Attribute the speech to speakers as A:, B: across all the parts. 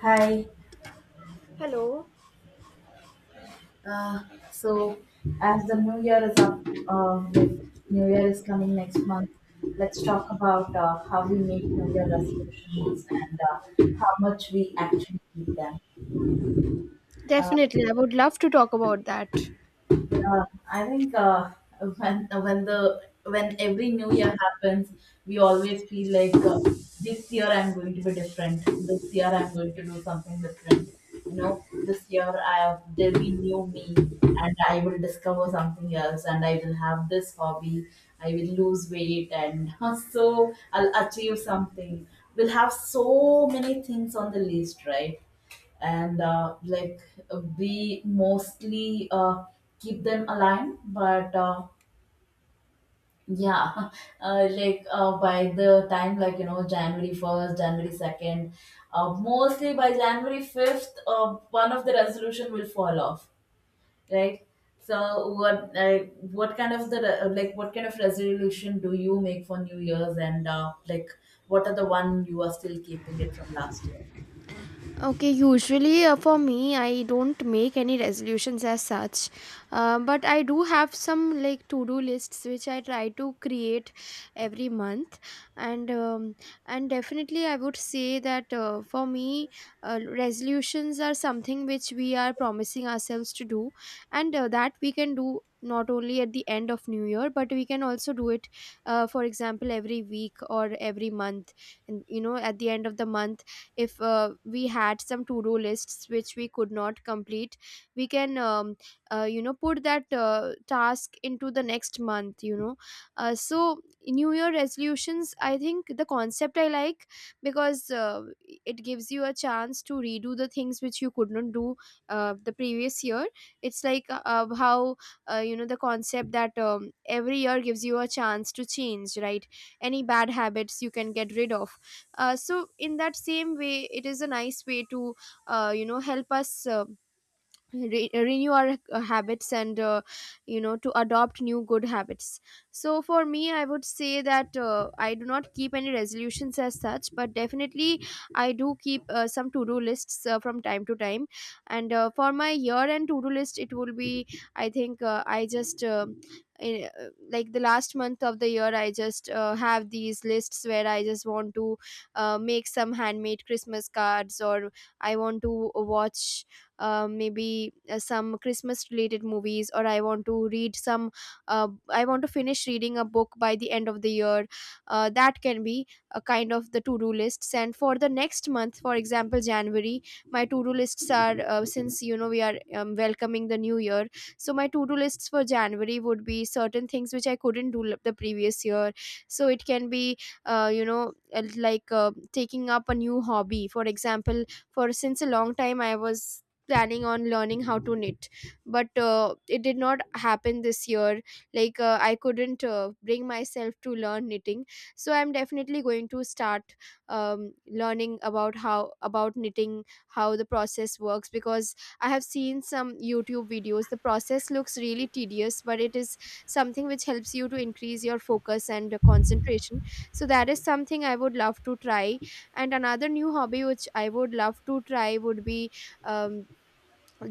A: Hi.
B: Hello.
A: Uh, so, as the new year is up, with new year is coming next month, let's talk about how we make new year resolutions and how much we actually keep them. Uh,
B: Definitely, I would love to talk about that.
A: Yeah, I think when every new year happens, we always feel like this year I'm going to be different. This year I'm going to do something different. You know, this year I have there'll be new me, and I will discover something else, and I will have this hobby. I will lose weight, and so I'll achieve something. We'll have so many things on the list, right? And we mostly keep them aligned, but yeah. By the time, like you know, January 1st, January 2nd, mostly by January 5th, one of the resolution will fall off, right? So what kind of resolution do you make for new year's, and like, what are the one you are still keeping it from last year?
B: Okay, usually for me, I don't make any resolutions as such, but I do have some like to do lists which I try to create every month, and um, and definitely I would say that for me, resolutions are something which we are promising ourselves to do, and that we can do not only at the end of new year but we can also do it, for example every week or every month. And at the end of the month, if we had some to-do lists which we could not complete, we can put that task into the next month. So new year resolutions, I think the concept I like, because it gives you a chance to redo the things which you could not do the previous year. It's like, how, the concept that every year gives you a chance to change, right? Any bad habits you can get rid of. So in that same way, it is a nice way to help us renew our habits and to adopt new good habits. So for me, I would say that I do not keep any resolutions as such, but definitely I do keep some to do lists from time to time. And for my year end to do list, it will be, I think, in, uh, like the last month of the year I just have these lists where I just want to make some handmade Christmas cards, or I want to watch, maybe some Christmas related movies, or I want to read some, I want to finish reading a book by the end of the year. That can be a kind of the to do lists. And for the next month, for example, January, my to do lists are, since we are welcoming the new year, so my to do lists for January would be certain things which I couldn't do the previous year. So it can be, like, taking up a new hobby. For example, for since a long time I was planning on learning how to knit, but it did not happen this year. Like, I couldn't bring myself to learn knitting. So I'm definitely going to start um, learning about, how about knitting, how the process works, because I have seen some YouTube videos. The process looks really tedious, but it is something which helps you to increase your focus and concentration. So that is something I would love to try. And another new hobby which I would love to try would be, um,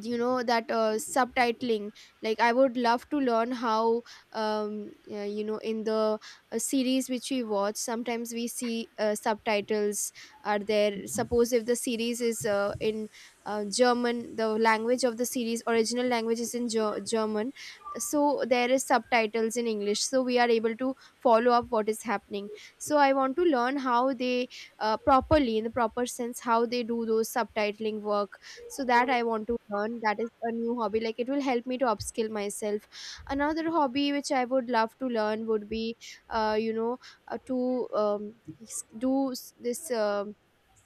B: that subtitling. Like, I would love to learn how, in the series which we watch, sometimes we see subtitles are there. Suppose if the series is in German, the language of the series, original language is in German, so there is subtitles in English, so we are able to follow up what is happening. So I want to learn how they, properly, in the proper sense, how they do those subtitling work. So that, I want to learn. That is a new hobby, like, it will help me to upskill myself. Another hobby which I would love to learn would be, uh, you know to um, s- do s- this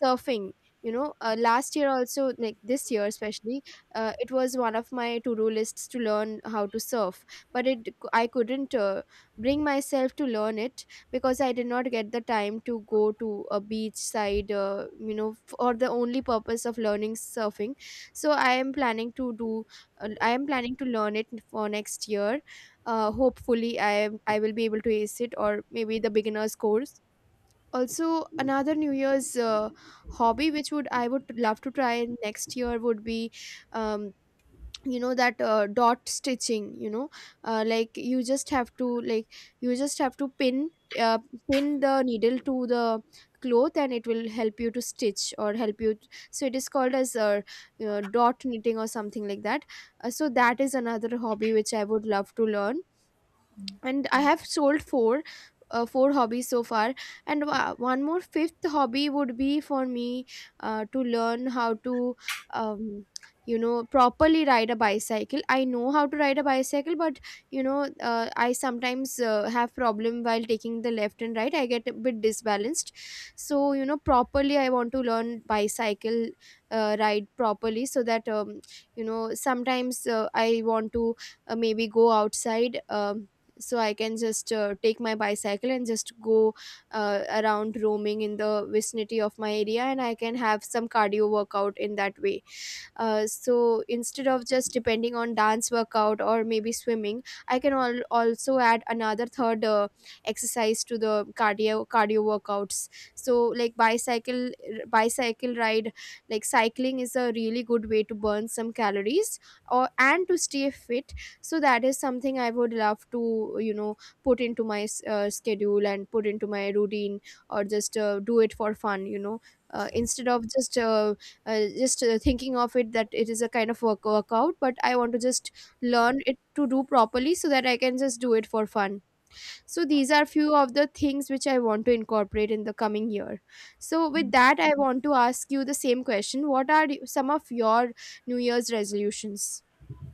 B: surfing. Last year also, like this year especially, it was one of my to-do lists to learn how to surf, but it I couldn't bring myself to learn it, because I did not get the time to go to a beach side, for the only purpose of learning surfing. So I am planning to learn it for next year. Hopefully, I will be able to ace it, or maybe the beginners course. Also, another new year's hobby which would I would love to try next year would be, um, that dot stitching. Like, you just have to like you just have to uh, pin the needle to the cloth, and it will help you to stitch or help you so it is called as dot knitting or something like that. So that is another hobby which I would love to learn. And I have sold four hobbies so far. And one more fifth hobby would be for me to learn how to um, properly ride a bicycle. I know how to ride a bicycle, but I sometimes have problem while taking the left and right. I get a bit disbalanced. So properly, I want to learn bicycle ride properly, so that sometimes I want to maybe go outside, so I can just take my bicycle and just go around, roaming in the vicinity of my area, and I can have some cardio workout in that way. So instead of just depending on dance workout or maybe swimming, I can also add another third exercise to the cardio workouts. So, like, bicycle ride, like cycling is a really good way to burn some calories or and to stay fit. So that is something I would love to, put into my schedule and put into my routine, or just do it for fun, instead of just thinking of it that it is a kind of workout. But I want to just learn it to do properly so that I can just do it for fun. So these are few of the things which I want to incorporate in the coming year. So with that, I want to ask you the same question. What are some of your new year's resolutions?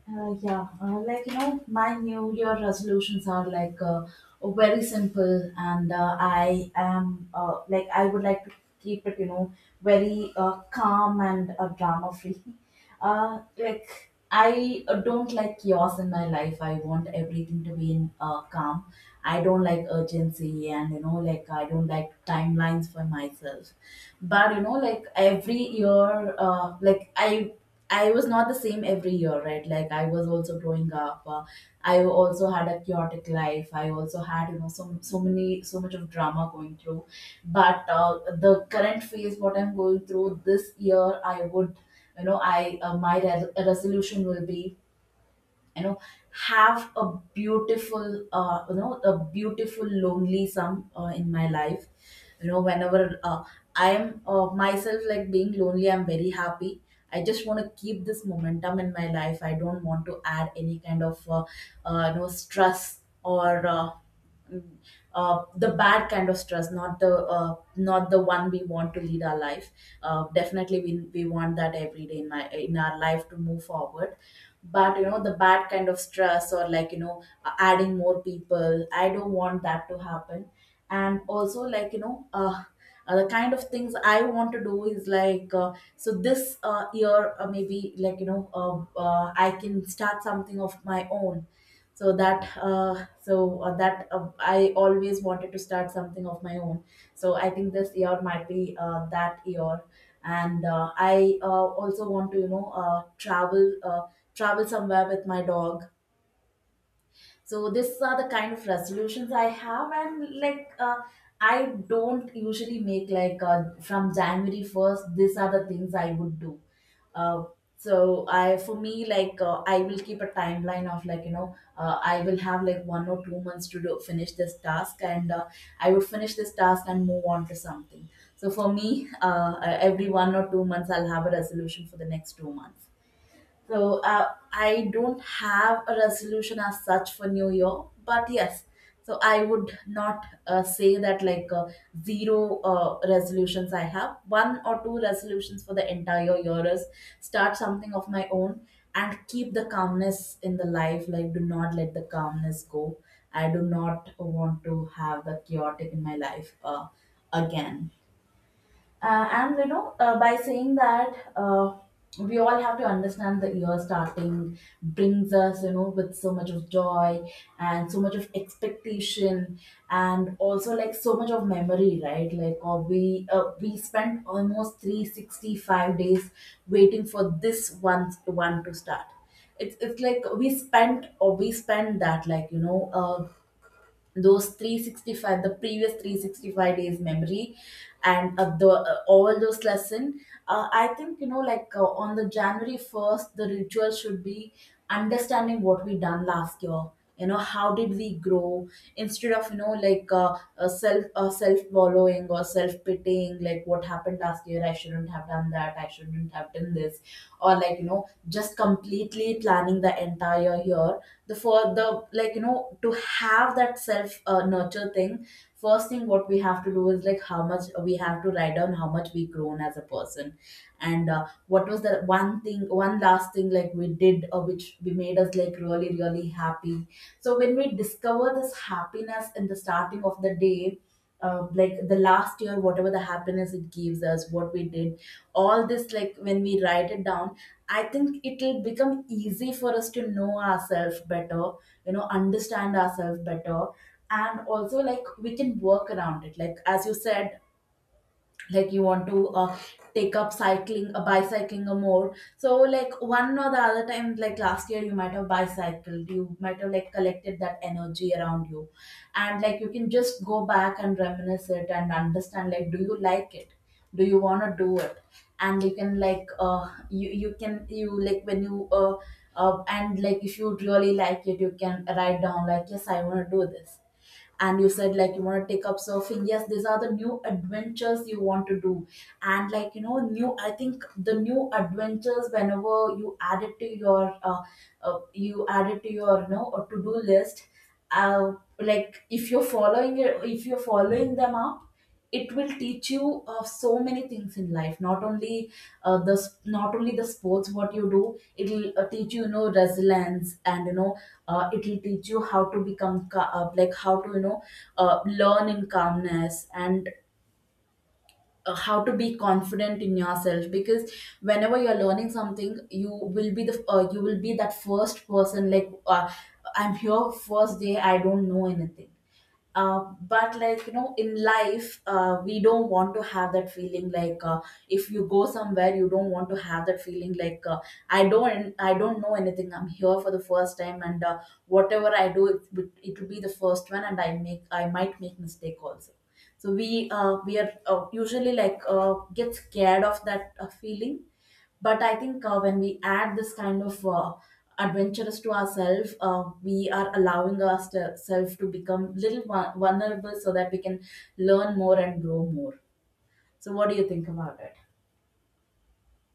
A: Yeah, like you know, my New Year resolutions are very simple, and I would like to keep it, you know, very calm and drama free. Like, I don't like chaos in my life. I want everything to be in calm. I don't like urgency, and you know, like, I don't like timelines for myself, but you know, like every year, I was not the same every year, right? Like, I was also growing up, I also had a chaotic life, I also had, you know, so many, so much of drama going through. But the current phase what I'm going through this year, I would, you know, I my resolution will be, you know, have a beautiful, you know, a beautiful lonely some in my life. You know, whenever I am myself, like being lonely, I'm very happy. I just want to keep this momentum in my life. I don't want to add any kind of you know, stress or mm, the bad kind of stress, not the not the one we want to lead our life. Definitely, we want that every day in my, in our life to move forward, but you know, the bad kind of stress or, like you know, adding more people, I don't want that to happen. And also, like you know, the kind of things I want to do is like, so this year, maybe, like you know, I can start something of my own. So that, I always wanted to start something of my own. So I think this year might be that year. And I also want to, you know, travel somewhere with my dog. So these are the kind of resolutions I have, and I don't usually make, from January 1st, these are the things I would do. Uh, so I, for me, I will keep a timeline of, like you know, I will have like 1 or 2 months to do, finish this task, and I would finish this task and move on to something. So for me, every 1 or 2 months, I'll have a resolution for the next 2 months. So I don't have a resolution as such for New Year, but yes, so I would not say that, zero resolutions I have. One or two resolutions for the entire year is, start something of my own and keep the calmness in the life. Like, do not let the calmness go. I do not want to have the chaotic in my life, again, and you know, by saying that, we all have to understand, the year starting brings us, you know, with so much of joy and so much of expectation, and also like, so much of memory, right? Like, we spent almost 365 days waiting for this one to start. It's like we spent, or we spent that, like you know, those 365, the previous 365 days memory, and the all those lesson. I think, you know, on the January 1st, the ritual should be understanding what we done last year. You know, how did we grow, instead of, you know, self self wallowing or self pitying, like what happened last year, I shouldn't have done that, I shouldn't have done this, or like, you know, just completely planning the entire year, the, for the, like you know, to have that self nurture thing. First thing what we have to do is, like, how much we have to write down, how much we grown as a person, and what was the one thing, one last thing like we did, which we made us, like, really really happy. So when we discover this happiness in the starting of the day, like, the last year, whatever the happiness it gives us, what we did, all this, like, when we write it down, I think it'll become easy for us to know ourselves better, you know, understand ourselves better. And also like, we can work around it, like as you said, like, you want to take up cycling, bicycling, or more so, like, one or the other time, like last year you might have bicycled, you might have, like, collected that energy around you, and like, you can just go back and reminisce it and understand, like, do you like it, do you want to do it. And you can, like you you can you like when you and like, if you really like it, you can write down, like, yes, I want to do this. And you said, like, you want to take up surfing, yes, these are the new adventures you want to do. And like you know, new, I think the new adventures, whenever you add it to your, you add it to your, you know, to do list, uh, like, if you're following it, if you're following them up, it will teach you so many things in life, not only the sports what you do. It will teach you, you know, resilience, and you know, it will teach you how to become, how to, you know, learn in calmness, and how to be confident in yourself, because whenever you're learning something, you will be the, you will be that first person, like, I'm here first day, I don't know anything. But like, you know, in life, we don't want to have that feeling, like, if you go somewhere, you don't want to have that feeling, like I don't know anything, I'm here for the first time, and whatever I do it, it will be the first one, and I might make mistake also. So we are usually, like, get scared of that feeling. But I think when we add this kind of adventurous to ourselves, we are allowing ourselves to become little vulnerable, so that we can learn more and grow more. So what do you think about it?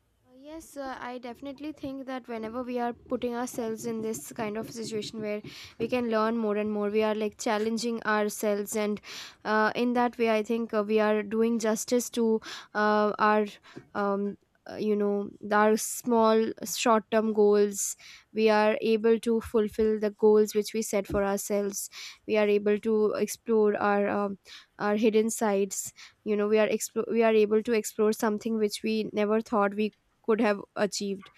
B: Yes, I definitely think that whenever we are putting ourselves in this kind of situation where we can learn more and more, we are, like, challenging ourselves, and in that way, I think we are doing justice to, our, um, our small short term goals. We are able to fulfill the goals which we set for ourselves. We are able to explore our hidden sides. We are we are able to explore something which we never thought we could have achieved,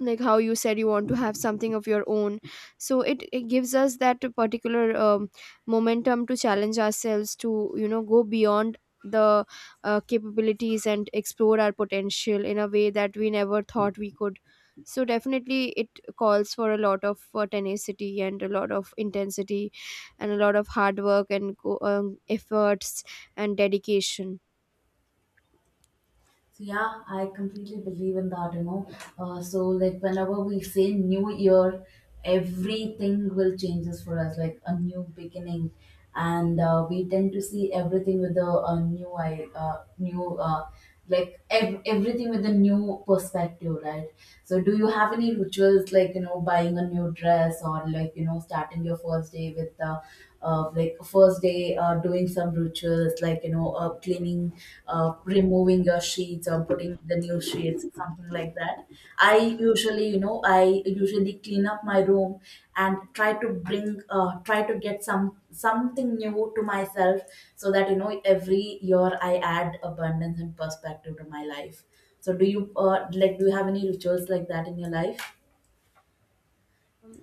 B: like how you said you want to have something of your own. So it gives us that particular momentum to challenge ourselves to, go beyond the capabilities and explore our potential in a way that we never thought we could. So definitely it calls for a lot of tenacity and a lot of intensity and a lot of hard work and efforts and dedication.
A: So yeah, I completely believe in that, you know. So like, whenever we say new year, everything will changes for us, like a new beginning, and we tend to see everything with a new eye, new, like everything with a new perspective, right? So do you have any rituals, like you know, buying a new dress, or like, you know, starting your first day with like first day doing some rituals, like you know, cleaning, removing your sheets or putting the new sheets, something like that. I usually, you know, I usually clean up my room and try to bring, try to get some something new to myself, so that, you know, every year I add abundance and perspective to my life. So do you, like, do you have any rituals like that in your life?
B: Um,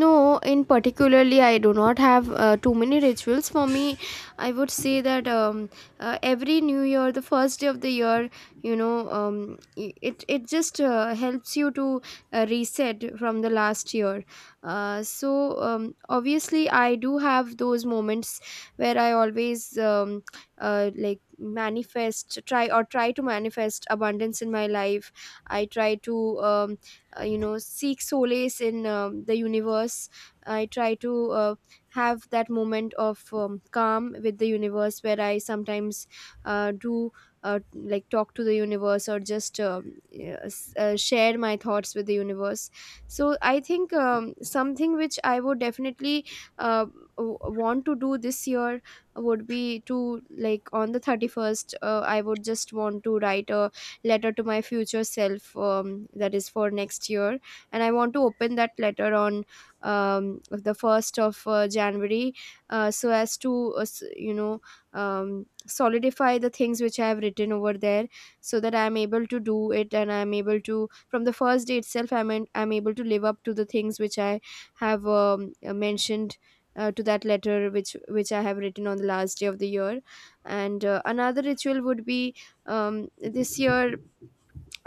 B: no, in particularly I do not have too many rituals for me. I would say that, every new year, the first day of the year, it just helps you to reset from the last year. So, um, obviously I do have those moments where I always, um, like, manifest, try to manifest abundance in my life. I try to um, seek solace in the universe. I try to uh, have that moment of calm with the universe, where I sometimes do like talk to the universe, or just yeah, share my thoughts with the universe. So I think, something which I would definitely uh, want to do this year would be to, like, on the 31st, I would just want to write a letter to my future self, that is, for next year. And I want to open that letter on, um, the 1st of January, so as to solidify the things which I have written over there, so that I am able to do it, and I am able to, from the first day itself, I'm able to live up to the things which I have mentioned to that letter which I have written on the last day of the year. And another ritual would be, this year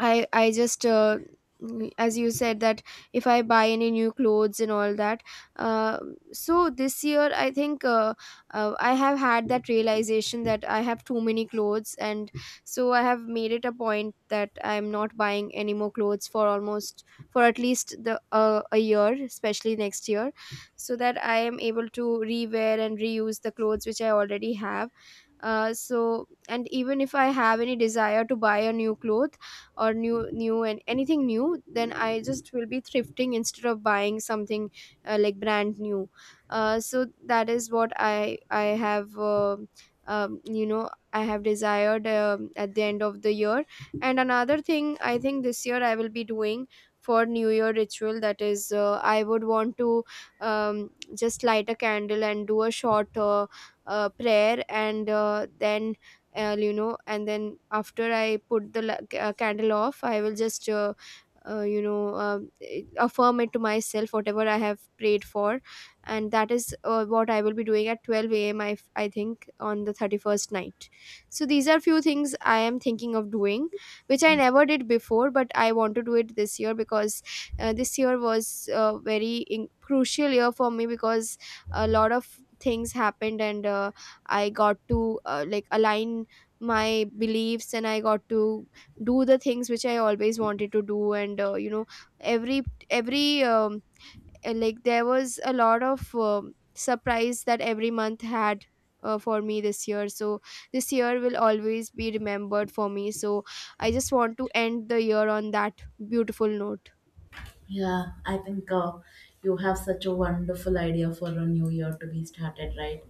B: I just, as you said that if I buy any new clothes and all that. Uh, so this year I think, I have had that realization that I have too many clothes, and so I have made it a point that I'm not buying any more clothes for almost, for at least the a year, especially next year, so that I am able to rewear and reuse the clothes which I already have. So and even if I have any desire to buy a new cloth, or new and anything new, then I just will be thrifting instead of buying something like brand new. So that is what I have, I have desired, at the end of the year. And another thing I think this year I will be doing for new year ritual, that is, I would want to um, just light a candle and do a short prayer, and then, and then after I put the candle off, I will just affirm it to myself whatever I have prayed for. And that is what I will be doing at 12 a.m., I think, on the 31st night. So these are few things I am thinking of doing which I never did before, but I want to do it this year because this year was a very crucial year for me, because a lot of things happened, and I got to, like, align my beliefs, and I got to do the things which I always wanted to do. And every every like, there was a lot of surprise that every month had for me this year. So this year will always be remembered for me. So I just want to end the year on that beautiful note.
A: Yeah, I think you have such a wonderful idea for a new year to be started, right?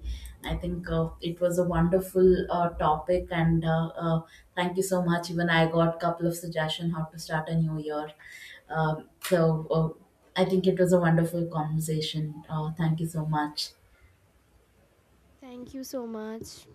A: I think it was a wonderful topic, and thank you so much. Even I got a couple of suggestions how to start a new year. So I think it was a wonderful conversation. Thank you so much.
B: Thank you so much.